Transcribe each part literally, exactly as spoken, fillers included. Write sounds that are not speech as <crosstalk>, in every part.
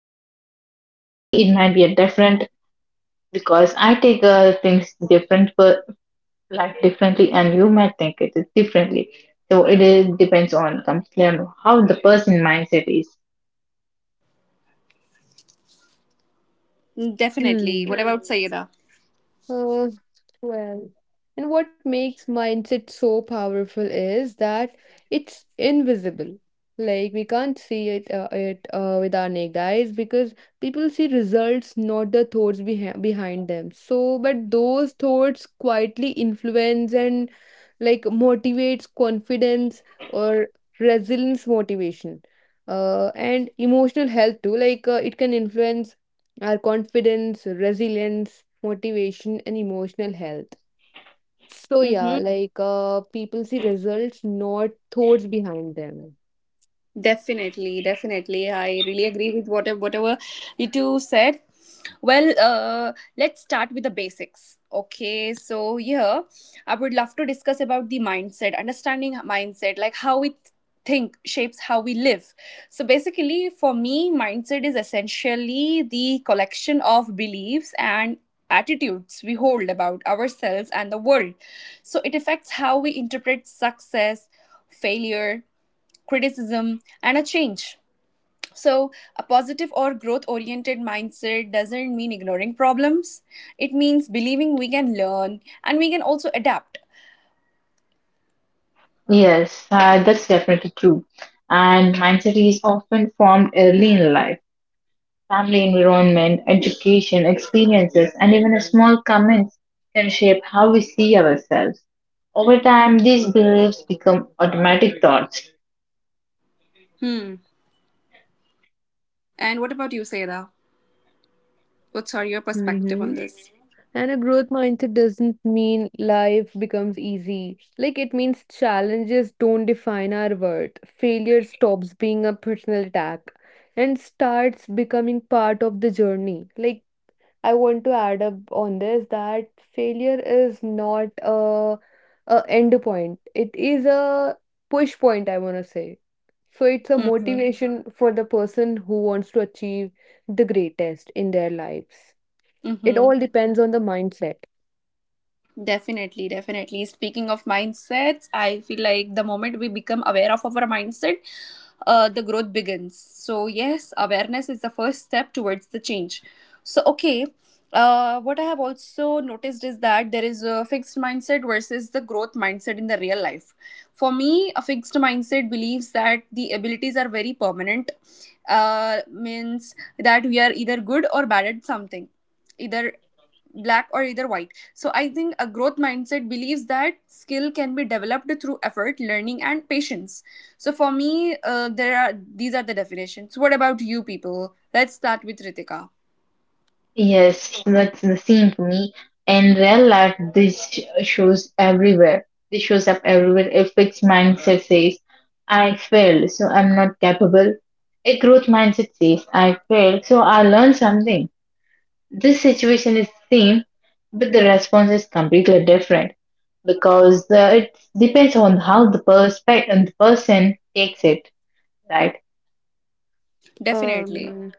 you, but for me it might be a different, because I take uh, things different for life differently, and you might think it is differently. So it is, depends on completely on how the person mindset is. Definitely. What <clears throat> about Sayeda? Uh, well, and what makes mindset so powerful is that it's invisible. Like we can't see it uh, it uh, with our naked eyes because people see results, not the thoughts behi- behind them. So, but those thoughts quietly influence and like motivates confidence or resilience motivation. Uh, and emotional health too. Like uh, it can influence our confidence, resilience, motivation, and emotional health. So yeah, like uh, people see results, not thoughts behind them. Definitely, definitely. I really agree with whatever whatever you two said. Well, uh, let's start with the basics. Okay, so here I would love to discuss about the mindset, understanding mindset, like how we think shapes how we live. So basically, for me, mindset is essentially the collection of beliefs and attitudes we hold about ourselves and the world. So it affects how we interpret success, failure, criticism, and a change. So, a positive or growth oriented mindset doesn't mean ignoring problems. It means believing we can learn and we can also adapt. Yes, uh, that's definitely true. And mindset is often formed early in life. Family environment, education, experiences, and even a small comments can shape how we see ourselves. Over time, these beliefs become automatic thoughts. Hmm. And what about you, Seda? What's your hmm perspective on this? And a growth mindset doesn't mean life becomes easy. Like it means challenges don't define our worth. Failure stops being a personal attack and starts becoming part of the journey. Like I want to add up on this that failure is not a, a end point. It is a push point, I want to say. So it's a Mm-hmm. motivation for the person who wants to achieve the greatest in their lives. It Mm-hmm. all depends on the mindset. Definitely, definitely. Speaking of mindsets, I feel like the moment we become aware of our mindset, uh, the growth begins. So, yes, awareness is the first step towards the change. So, okay, uh, what I have also noticed is that there is a fixed mindset versus the growth mindset in the real life. For me, a fixed mindset believes that the abilities are very permanent, uh, means that we are either good or bad at something, either black or either white. So I think a growth mindset believes that skill can be developed through effort, learning, and patience. So for me, uh, there are these are the definitions. What about you, people? Let's start with Ritika. Yes, that's the same for me. In real life, this sh- shows everywhere. This shows up everywhere. A fixed mindset says, I failed, so I'm not capable. A growth mindset says, I failed, so I learned something. This situation is same, but the response is completely different, because uh, it depends on how the perspective and the person takes it, right? Definitely. Um,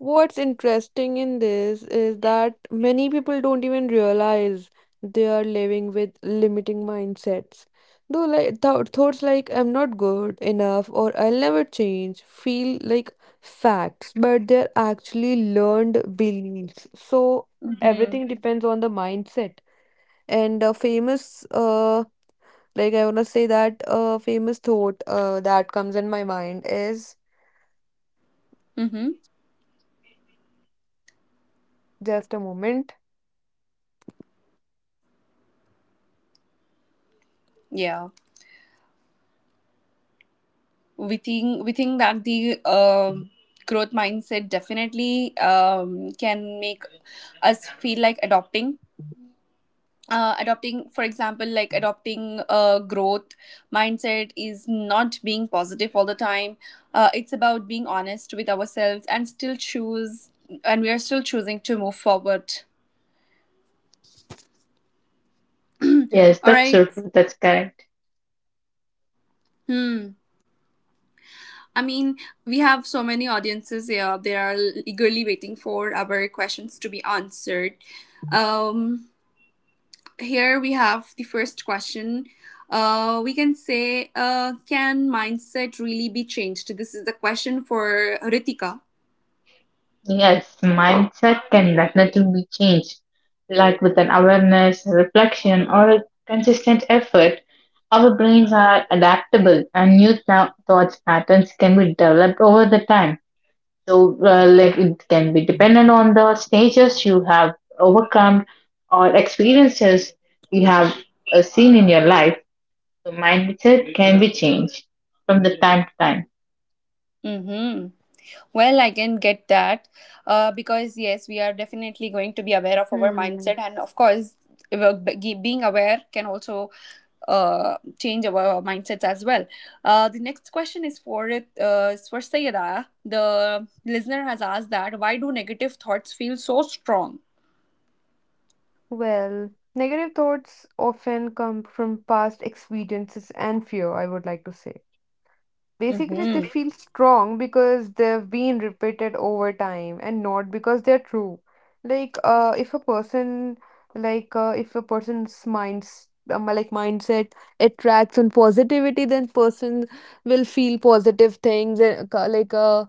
What's interesting in this is that many people don't even realize they are living with limiting mindsets. Though like th- thoughts like I'm not good enough or I'll never change feel like facts, but they're actually learned beliefs. So Mm-hmm. everything depends on the mindset. And a famous uh like I wanna say that a famous thought uh that comes in my mind is Mm-hmm. just a moment. Yeah. We think we think that the um, growth mindset definitely um, can make us feel like adopting, uh, adopting for example, like adopting a growth mindset is not being positive all the time. Uh, it's about being honest with ourselves and still choose, and we are still choosing to move forward. Yes, All that's right. so true. That's correct. hmm I mean, we have so many audiences here, they are eagerly waiting for our questions to be answered. um here we have the first question. Uh, we can say, uh, can mindset really be changed? This is the question for Ritika. Yes, mindset can definitely be changed, like with an awareness, reflection, or a consistent effort. Our brains are adaptable, and new thou- thoughts patterns can be developed over the time. So, uh, like it can be dependent on the stages you have overcome or experiences you have uh, seen in your life. So, mindset can be changed from the time to time. Mm-hmm. Well, I can get that, uh, because, yes, we are definitely going to be aware of our Hmm. mindset. And of course, being aware can also uh, change our mindsets as well. Uh, the next question is for it uh, is for Sayeda. The listener has asked that why do negative thoughts feel so strong? Well, negative thoughts often come from past experiences and fear, I would like to say. Basically, they Mm-hmm. feel strong because they've been repeated over time and not because they're true. Like, uh, if a person, like, uh, if a person's minds, um, like mindset attracts on positivity, then person will feel positive things, uh, like, uh,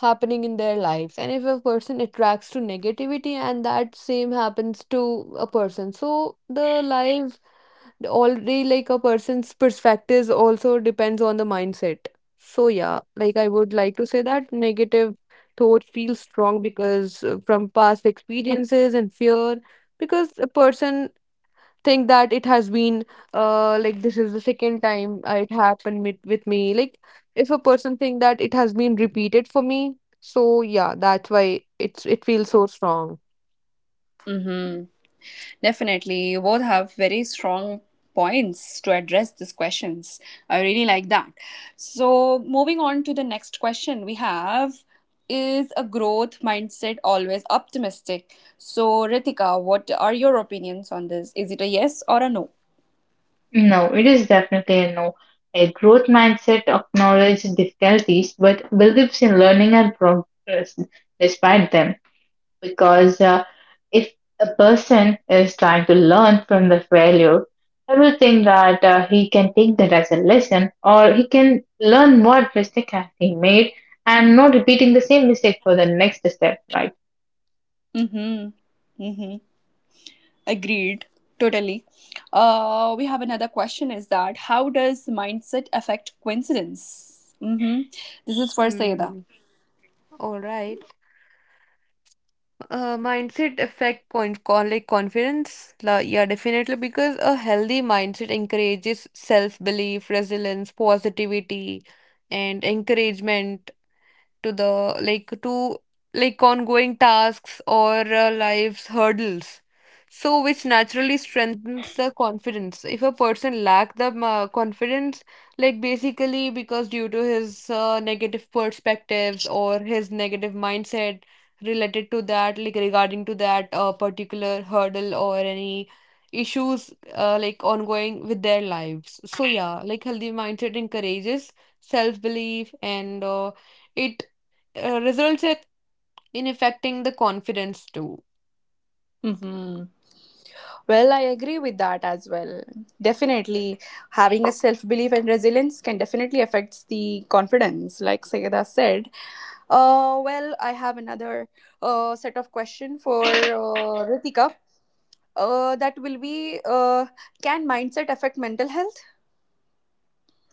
happening in their lives, and if a person attracts to negativity, and that same happens to a person, so the life already, like a person's perspectives, also depends on the mindset. So yeah, like I would like to say that negative thought feels strong because uh, from past experiences and fear, because a person think that it has been uh like this is the second time uh, it happened with, with me. Like if a person think that it has been repeated for me, so yeah, that's why it's it feels so strong. Mm-hmm. Definitely. You both have very strong points to address these questions. I really like that. So, moving on to the next question we have, is a growth mindset always optimistic? So, Ritika, what are your opinions on this? Is it a yes or a no? No, it is definitely a no. A growth mindset acknowledges difficulties but believes in learning and progress despite them. Because uh, if a person is trying to learn from the failure, everything that uh, he can take that as a lesson, or he can learn what mistake has he made and not repeating the same mistake for the next step, right? Mm-hmm. Mm-hmm. Agreed. Totally. Uh, we have another question, is that how does mindset affect coincidence? Mm-hmm. This is for Sayeda. Hmm. All right. Uh, mindset affect point con like confidence. La Yeah, definitely, because a healthy mindset encourages self-belief, resilience, positivity, and encouragement to the like to like ongoing tasks or uh, life's hurdles, so which naturally strengthens the confidence. If a person lack the uh, confidence, like basically because due to his uh, negative perspectives or his negative mindset related to that, like regarding to that uh, particular hurdle or any issues uh, like ongoing with their lives. So yeah, like healthy mindset encourages self belief and uh, it uh, results it in affecting the confidence too. Mm-hmm. Well, I agree with that as well. Definitely, having a self belief and resilience can definitely affect the confidence, like Sayeda said. Uh, well, I have another uh, set of question for uh, Ritika. Uh, that will be, uh, can mindset affect mental health?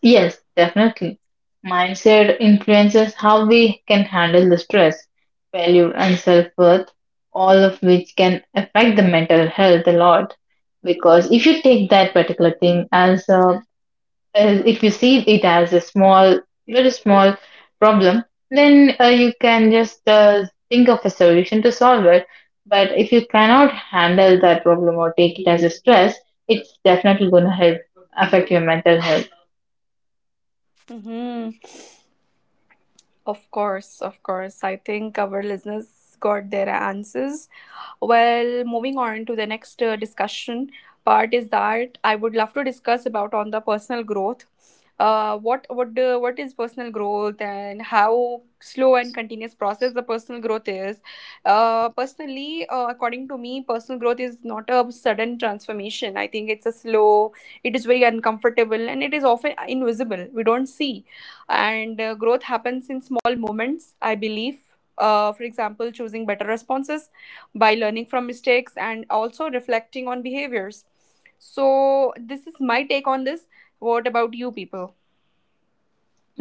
Yes, definitely. Mindset influences how we can handle the stress, failure, and self worth, all of which can affect the mental health a lot. Because if you take that particular thing as, a, as if you see it as a small, very small problem, then uh, you can just uh, think of a solution to solve it. But if you cannot handle that problem or take it as a stress, it's definitely going to help affect your mental health. Mm-hmm. Of course, of course. I think our listeners got their answers. Well, moving on to the next uh, discussion part is that I would love to discuss about on the personal growth. Uh, what what uh, what is personal growth and how slow and continuous process the personal growth is. Uh, personally, uh, according to me, personal growth is not a sudden transformation. I think it's a slow. It is very uncomfortable and it is often invisible. We don't see, and uh, growth happens in small moments, I believe. uh, for example, choosing better responses by learning from mistakes and also reflecting on behaviors. So this is my take on this. What about you, people?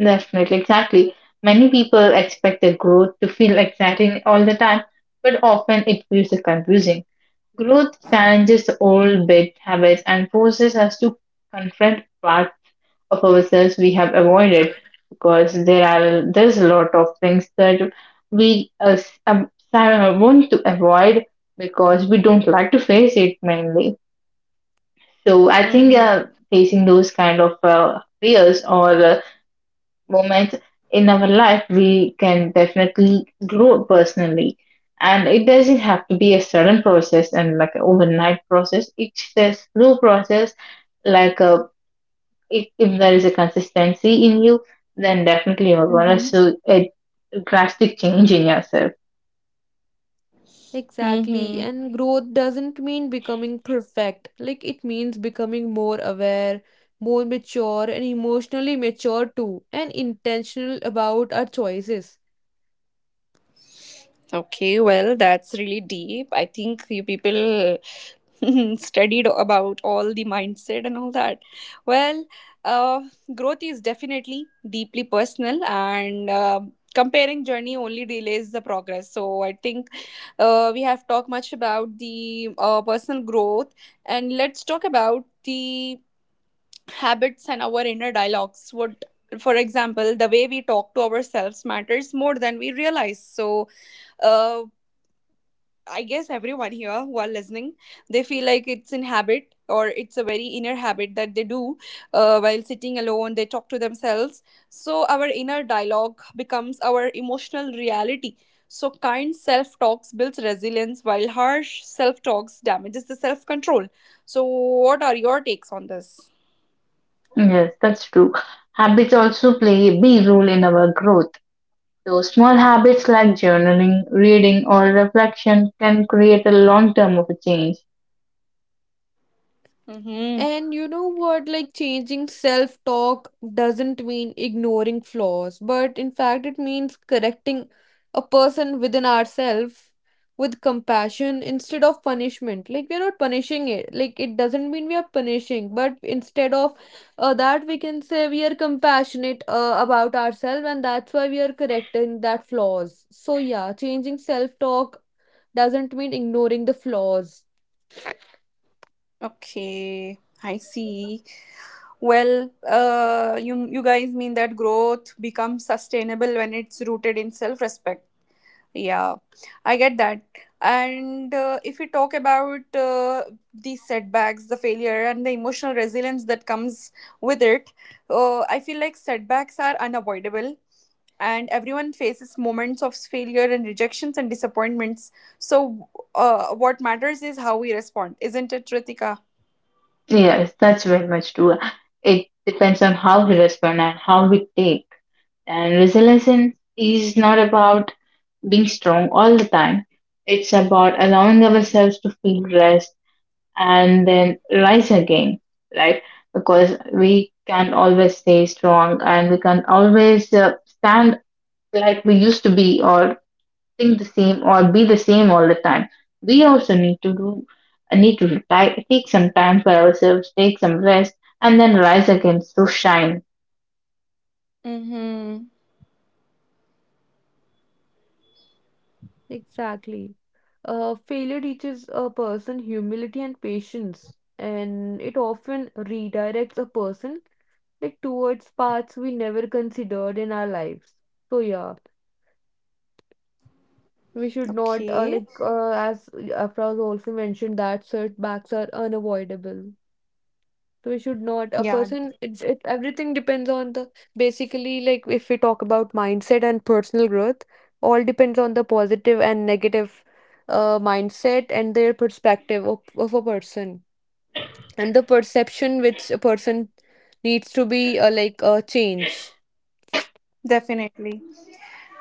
Definitely, exactly. Many people expect their growth to feel <laughs> exciting all the time, but often it feels confusing. Growth challenges the old bad habits and forces us to confront part of ourselves we have avoided, because there are there's a lot of things that we uh, um, want to avoid because we don't like to face it mainly. So I think Mm-hmm. uh, facing those kind of uh, fears or uh, moments in our life, we can definitely grow personally. And it doesn't have to be a sudden process and like an overnight process. It's a slow process. Like a, if, if there is a consistency in you, then definitely you're gonna Mm-hmm. see a drastic change in yourself. Exactly. Mm-hmm. And growth doesn't mean becoming perfect. Like it means becoming more aware, more mature, and emotionally mature too, and intentional about our choices. Okay, well, that's really deep. I think you people <laughs> studied about all the mindset and all that. Well, uh, growth is definitely deeply personal, and uh, comparing journey only delays the progress. So I think uh, we have talked much about the uh, personal growth, and let's talk about the habits and our inner dialogues. What, for example, the way we talk to ourselves matters more than we realize. So uh, I guess everyone here who are listening, they feel like it's in habit or it's a very inner habit that they do uh, while sitting alone. They talk to themselves. So our inner dialogue becomes our emotional reality. So kind self talks builds resilience, while harsh self talks damages the self control. So what are your takes on this? Yes, that's true. Habits also play a big role in our growth. So small habits like journaling, reading, or reflection can create a long term of a change. Mm-hmm. And you know what? Like changing self talk doesn't mean ignoring flaws, but in fact, it means correcting a person within ourselves with compassion instead of punishment. Like, we're not punishing it. Like, it doesn't mean we are punishing, but instead of uh, that, we can say we are compassionate uh, about ourselves, and that's why we are correcting that flaws. So, yeah, changing self talk doesn't mean ignoring the flaws. Okay, I see. Well, uh, you you guys mean that growth becomes sustainable when it's rooted in self-respect. Yeah, I get that. And uh, if we talk about uh, the setbacks, the failure, and the emotional resilience that comes with it, uh, I feel like setbacks are unavoidable. And everyone faces moments of failure and rejections and disappointments. So, uh, what matters is how we respond, isn't it, Ritika? Yes, that's very much true. It depends on how we respond and how we take. And resilience is not about being strong all the time. It's about allowing ourselves to feel rest and then rise again, right? Because we can not always stay strong and we can not always uh, stand like we used to be or think the same or be the same all the time. We also need to do need to retire, take some time for ourselves, take some rest, and then rise again to shine. Mm-hmm. Exactly. Uh, failure teaches a person humility and patience, and it often redirects a person like towards paths we never considered in our lives. So yeah, we should not uh, Okay. like uh, as Afra also mentioned that setbacks are unavoidable. So we should know it. A Yeah, person, it's it Everything depends on the basically, like if we talk about mindset and personal growth, all depends on the positive and negative uh, mindset and their perspective of, of a person and the perception which a person needs to be uh, like a change. definitely.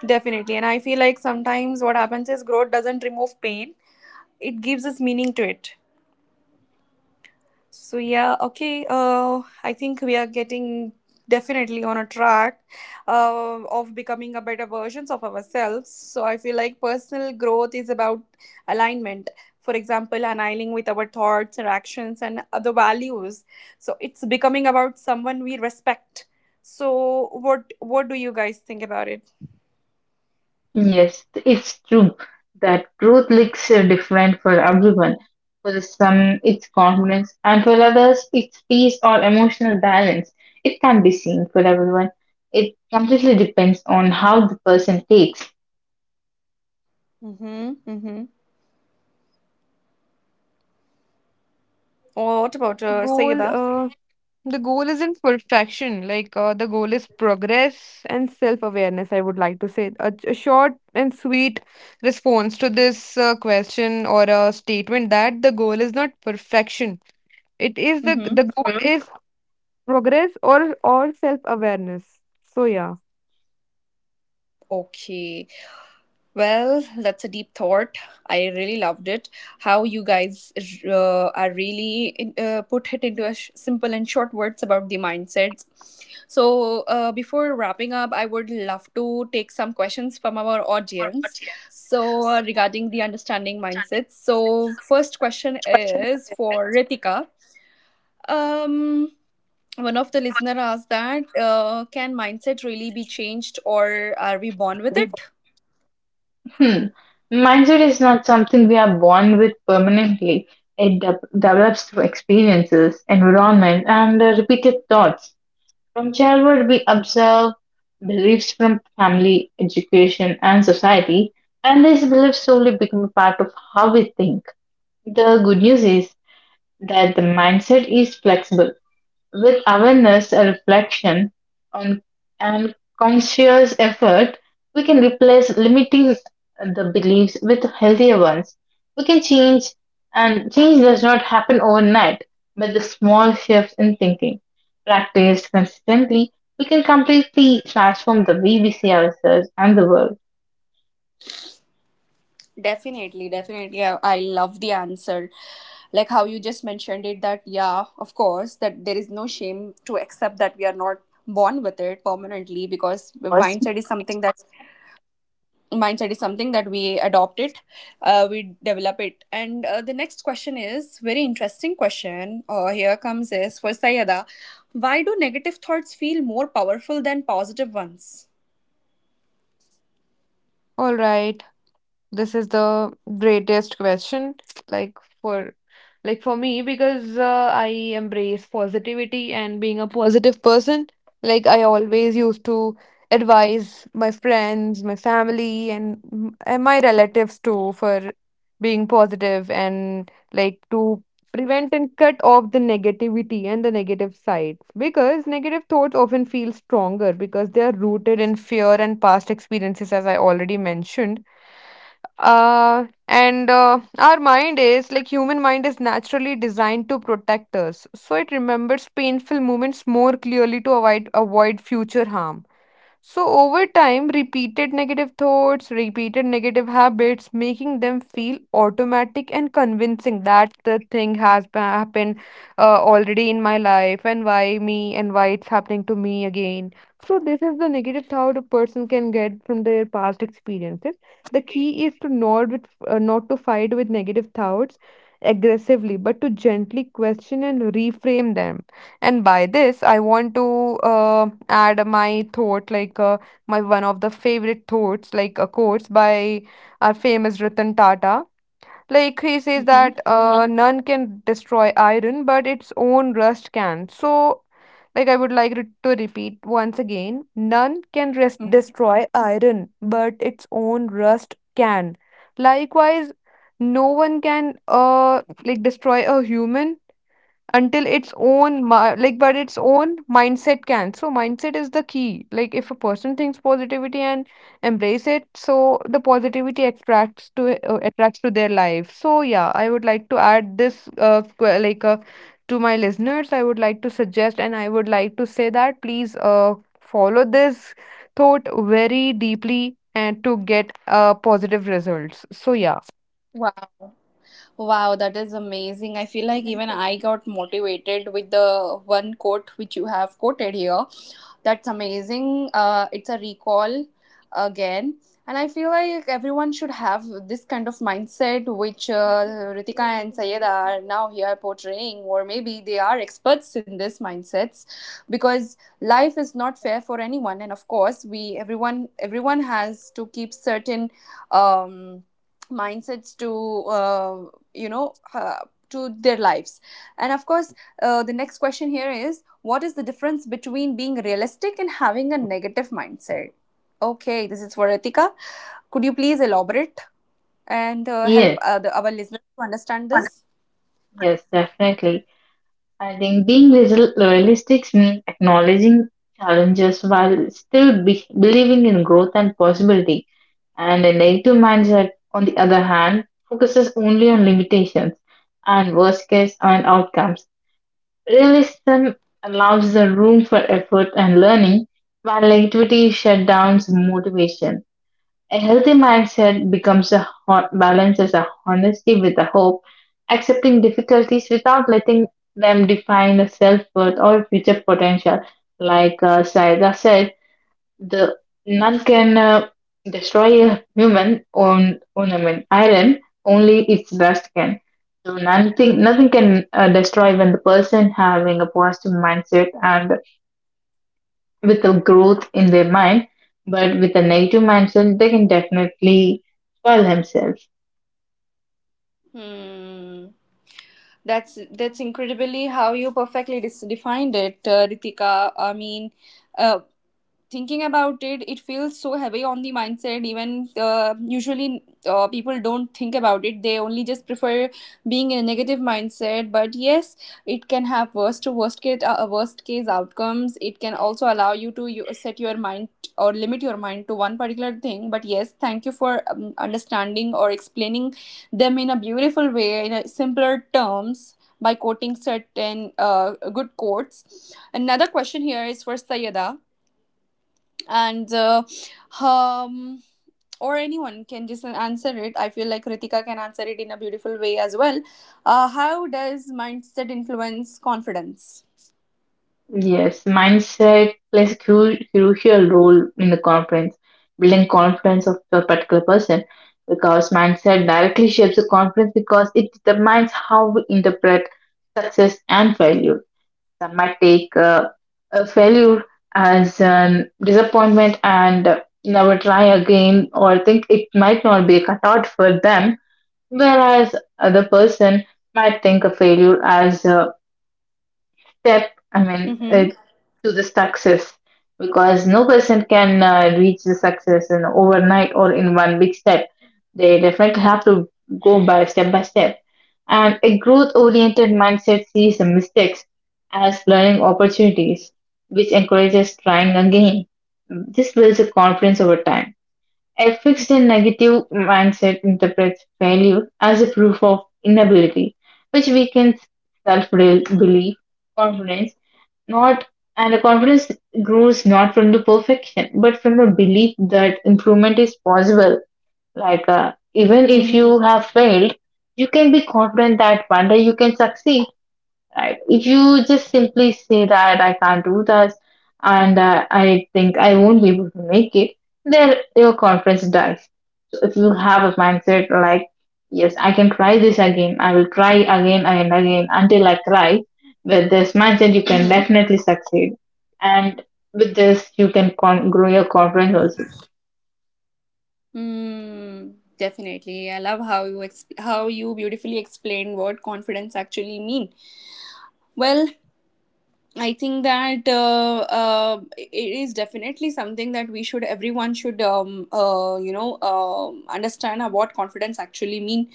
Definitely. And I feel like sometimes what happens is growth doesn't remove pain, it gives us meaning to it. So yeah, okay. Uh, I think we are getting definitely on a track uh, of becoming a better versions of ourselves. So I feel like personal growth is about alignment. For example, aligning with our thoughts, our actions, and other values. So it's becoming about someone we respect. So what what do you guys think about it? Yes, it's true that growth looks uh, different for everyone. For some, it's confidence, and for others, it's peace or emotional balance. It can be seen for everyone. It completely depends on how the person takes. Mm-hmm. Mm-hmm. What about The uh, goal Sayeda? uh, The goal isn't perfection, like uh, the goal is progress and self awareness. I would like to say a, a short and sweet response to this uh, question or a statement that the goal is not perfection. It is the the Mm-hmm. goal Mhm. is progress or or self awareness. So yeah, Okay. Well, that's a deep thought. I really loved it. How you guys uh, are really uh, put it into a sh- simple and short words about the mindsets. So, uh, before wrapping up, I would love to take some questions from our audience. So, uh, regarding the understanding mindsets. So, first question is for Ritika. Um, one of the listener asked that uh, can mindset really be changed or are we born with We- it? Hmm. Mindset is not something we are born with permanently. It de- develops through experiences, environment, and uh, repeated thoughts. From childhood, we observe beliefs from family, education, and society, and these beliefs slowly become a part of how we think. The good news is that the mindset is flexible. With awareness, and reflection, on, and conscious effort, we can replace limiting the beliefs with healthier ones. We can change, and change does not happen overnight, but the small shifts in thinking. Practiced consistently, we can completely transform the way we see ourselves and the world. Definitely, definitely. I, I love the answer. Like how you just mentioned it that, yeah, of course, that there is no shame to accept that we are not born with it permanently because mindset is something that mindset is something that we adopt it, uh, we develop it. And uh, the next question is very interesting question. Uh, here comes, is for Sayada, why do negative thoughts feel more powerful than positive ones? all right. This is the greatest question, like for like for me, because uh, I embrace positivity and being a positive person. Like I always used to advise my friends, my family, and, m- and my relatives too for being positive and like to prevent and cut off the negativity and the negative sides, because negative thoughts often feel stronger because they are rooted in fear and past experiences, as I already mentioned, uh, and uh, our mind is like human mind is naturally designed to protect us, so it remembers painful moments more clearly to avoid avoid future harm. So, over time, repeated negative thoughts, repeated negative habits, making them feel automatic and convincing that the thing has ba- happened uh, already in my life, and why me, and why it's happening to me again. So, this is the negative thought a person can get from their past experiences. The key is to not with, uh, not to fight with negative thoughts aggressively, but to gently question and reframe them. And by this, I want to uh, add my thought, like uh, my one of the favorite thoughts, like a quotes by our famous Ratan Tata. Like he says Mhm. that uh, Mhm. none can destroy iron, but its own rust can. So, like I would like re- to repeat once again, none can res- Mhm. destroy iron, but its own rust can. Likewise, no one can uh like destroy a human until its own mi- like but its own mindset can. So mindset is the key. Like if a person thinks positivity and embrace it, so the positivity attracts to uh, attracts to their life. So yeah, I would like to add this uh, que- like uh, to my listeners, I would like to suggest and I would like to say that please uh, follow this thought very deeply and to get uh, positive results. So yeah, Wow. Wow, that is amazing. I feel like even I got motivated with the one quote which you have quoted here. That's amazing. Uh, it's a recall again. And I feel like everyone should have this kind of mindset, which uh, Ritika and Sayed are now here portraying, or maybe they are experts in this mindsets, because life is not fair for anyone. And of course, we, everyone everyone has to keep certain um, mindsets to uh, you know uh, to their lives. And of course, uh, the next question here is, what is the difference between being realistic and having a negative mindset? Okay, this is for Ritika. Could you please elaborate and uh, help Yes, uh, the, our listeners to understand this? yes, definitely. I think being real- realistic means acknowledging challenges while still be- believing in growth and possibility. And a negative mindset, on the other hand, focuses only on limitations and worst case and outcomes. Realism allows the room for effort and learning, while negativity shut down motivation. A healthy mindset becomes a ho- balances a honesty with a hope, accepting difficulties without letting them define the self worth or future potential. Like uh, Saida said, the none can uh, destroy a human on ornament iron. Only its dust can. So nothing nothing can uh, destroy when the person having a positive mindset and with the growth in their mind, but with a negative mindset, they can definitely spoil themselves. Hmm. That's that's incredibly how you perfectly dis- defined it, uh, Ritika. I mean, uh, thinking about it, it feels so heavy on the mindset. Even uh, usually, uh, people don't think about it. They only just prefer being in a negative mindset. But yes, it can have worst to worst case, uh, worst case outcomes. It can also allow you to you, set your mind or limit your mind to one particular thing. But yes, thank you for um, understanding or explaining them in a beautiful way, in a simpler terms, by quoting certain uh, good quotes. Another question here is for Sayada, and uh, um, or anyone can just answer it. I uh, feel like Ritika can answer basically it in a beautiful way I would as like to well. answer Uh, this how does mindset like influence uh, after confidence? hours Yes, mindset plays a cru- crucial role in the confidence, building confidence of the particular person, because mindset directly shapes the confidence because it determines how we interpret success and failure. Some might take uh, a failure as an disappointment and never try again or think it might not be cut out for them. Whereas other person might think of failure as a step, I mean, Mm-hmm. uh, to the success because no person can uh, reach the success in overnight or in one big step. They definitely have to go by step by step. And a growth oriented mindset sees the mistakes as learning opportunities, which encourages trying again. This builds a confidence over time. A fixed and negative mindset interprets failure as a proof of inability, which weakens self belief, confidence, not and the confidence grows not from the perfection but from the belief that improvement is possible, like uh, even if Mm-hmm. you have failed, you can be confident that one day you can succeed, right? If you just simply say that I can't do this and uh, I think I won't be able to make it, then your confidence dies. If you have a mindset like, yes, I can try this again, I will try again and again until I try, with this mindset, you can Mm-hmm. definitely succeed. And with this, you can con- grow your confidence also. Mm, definitely. I love how you exp- how you beautifully explained what confidence actually mean. Well, I think that uh, uh, it is definitely something that we should, everyone should, um, uh, you know um understand what confidence actually mean.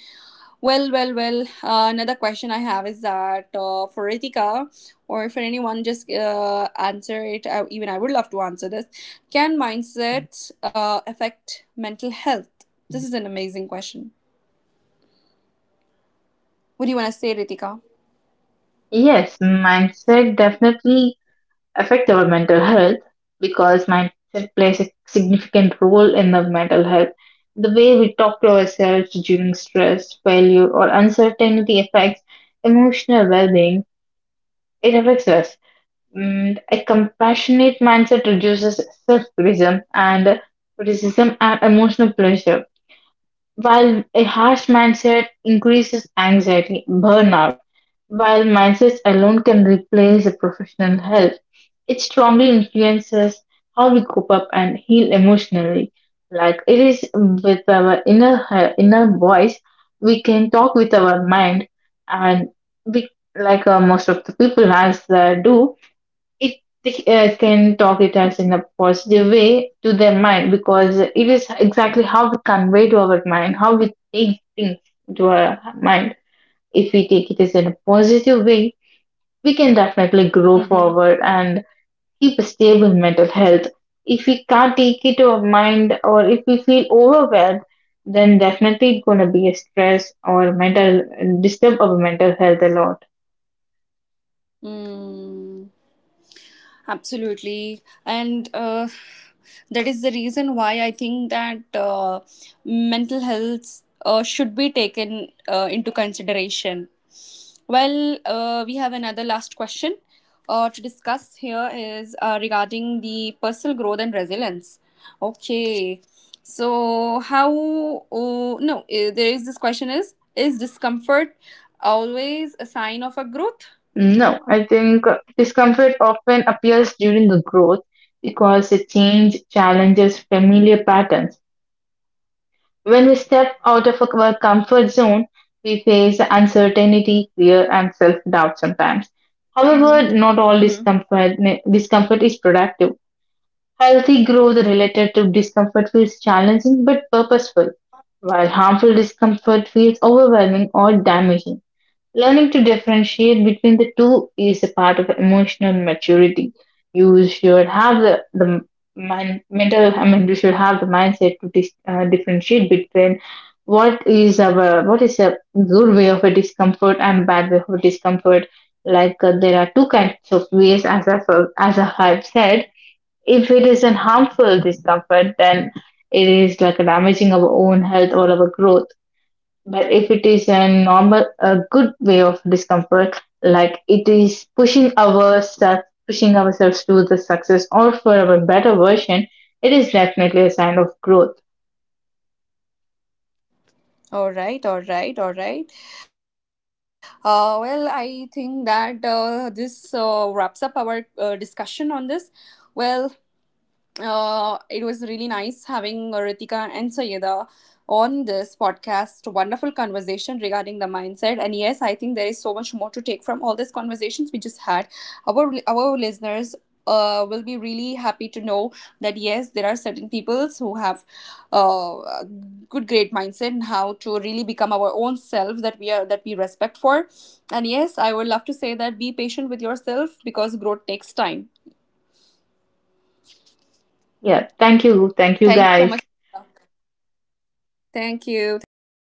Well, well, well. Uh, another question I have is that uh, for Ritika, or for anyone, just uh, answer it. I, even I would love to answer this. Can mindset uh, affect mental health? This is an amazing question. What do you want to say, Ritika? Yes, mindset definitely affect our mental health, because mindset plays a significant role in the mental health. The way we talk to ourselves during stress, failure, or uncertainty affects emotional well being. It affects us. Mm, a compassionate mindset reduces self-criticism and criticism and emotional pressure, while a harsh mindset increases anxiety, burnout. While mindsets alone can replace the professional help, it strongly influences how we cope up and heal emotionally. Like it is with our inner he- inner voice, we can talk with our mind, and we like uh, most of the people as they do it uh, can talk it as in a positive way to their mind, because it is exactly how we convey to our mind, how we take things to our mind. If we take it as in a positive way, we can definitely grow Mm-hmm. forward and keep a stable mental health. If we can't take it to our mind or if we feel overwhelmed, then definitely it's gonna be a stress or mental disturb our mental health a lot. Mm. Absolutely. And uh, that is the reason why I think that uh, mental health uh, should be taken uh, into consideration. Well, uh, we have another last question uh, to discuss here, is uh, regarding the personal growth and resilience. Okay. So, how, oh, no, eh, there is this question is, is discomfort always a sign of a growth? No, I think discomfort often appears during the growth because the change challenges familiar patterns. When we step out of our comfort zone, we face uncertainty, fear, and self doubt sometimes. However, Mm-hmm. not all Mm-hmm. discomfort, discomfort is productive. Healthy growth related to discomfort feels challenging but purposeful, while harmful discomfort feels overwhelming or damaging. Learning to differentiate between the two is a part of emotional maturity. You should have the, the mind, mental, I mean, you should have the mindset to dis, uh, differentiate between what is our, what is a good way of a discomfort and bad way of a discomfort. Like uh, there are two kinds of ways, as I, as I have said. If it is an harmful discomfort, then it is like damaging our own health or our growth, but if it is a normal, a good way of discomfort, like it is pushing ourselves, pushing ourselves to the success or for our better version, it is definitely a sign of growth. All right, all right, all right. Uh, well, I think that uh, this uh, wraps up our uh, discussion on this. Well, uh, it was really nice having Ritika and Sayeda on this podcast. Wonderful conversation regarding the mindset. And yes, I think there is so much more to take from all these conversations we just had. Our our listeners uh, will be really happy to know that yes, there are certain peoples who have uh, a good great mindset and how to really become our own self that we are, that we respect for. And yes, I would love to say that be patient with yourself because growth takes time. Yeah. Thank you. Thank you Thank you so guys. much. Ritika. Thank you. Thank you so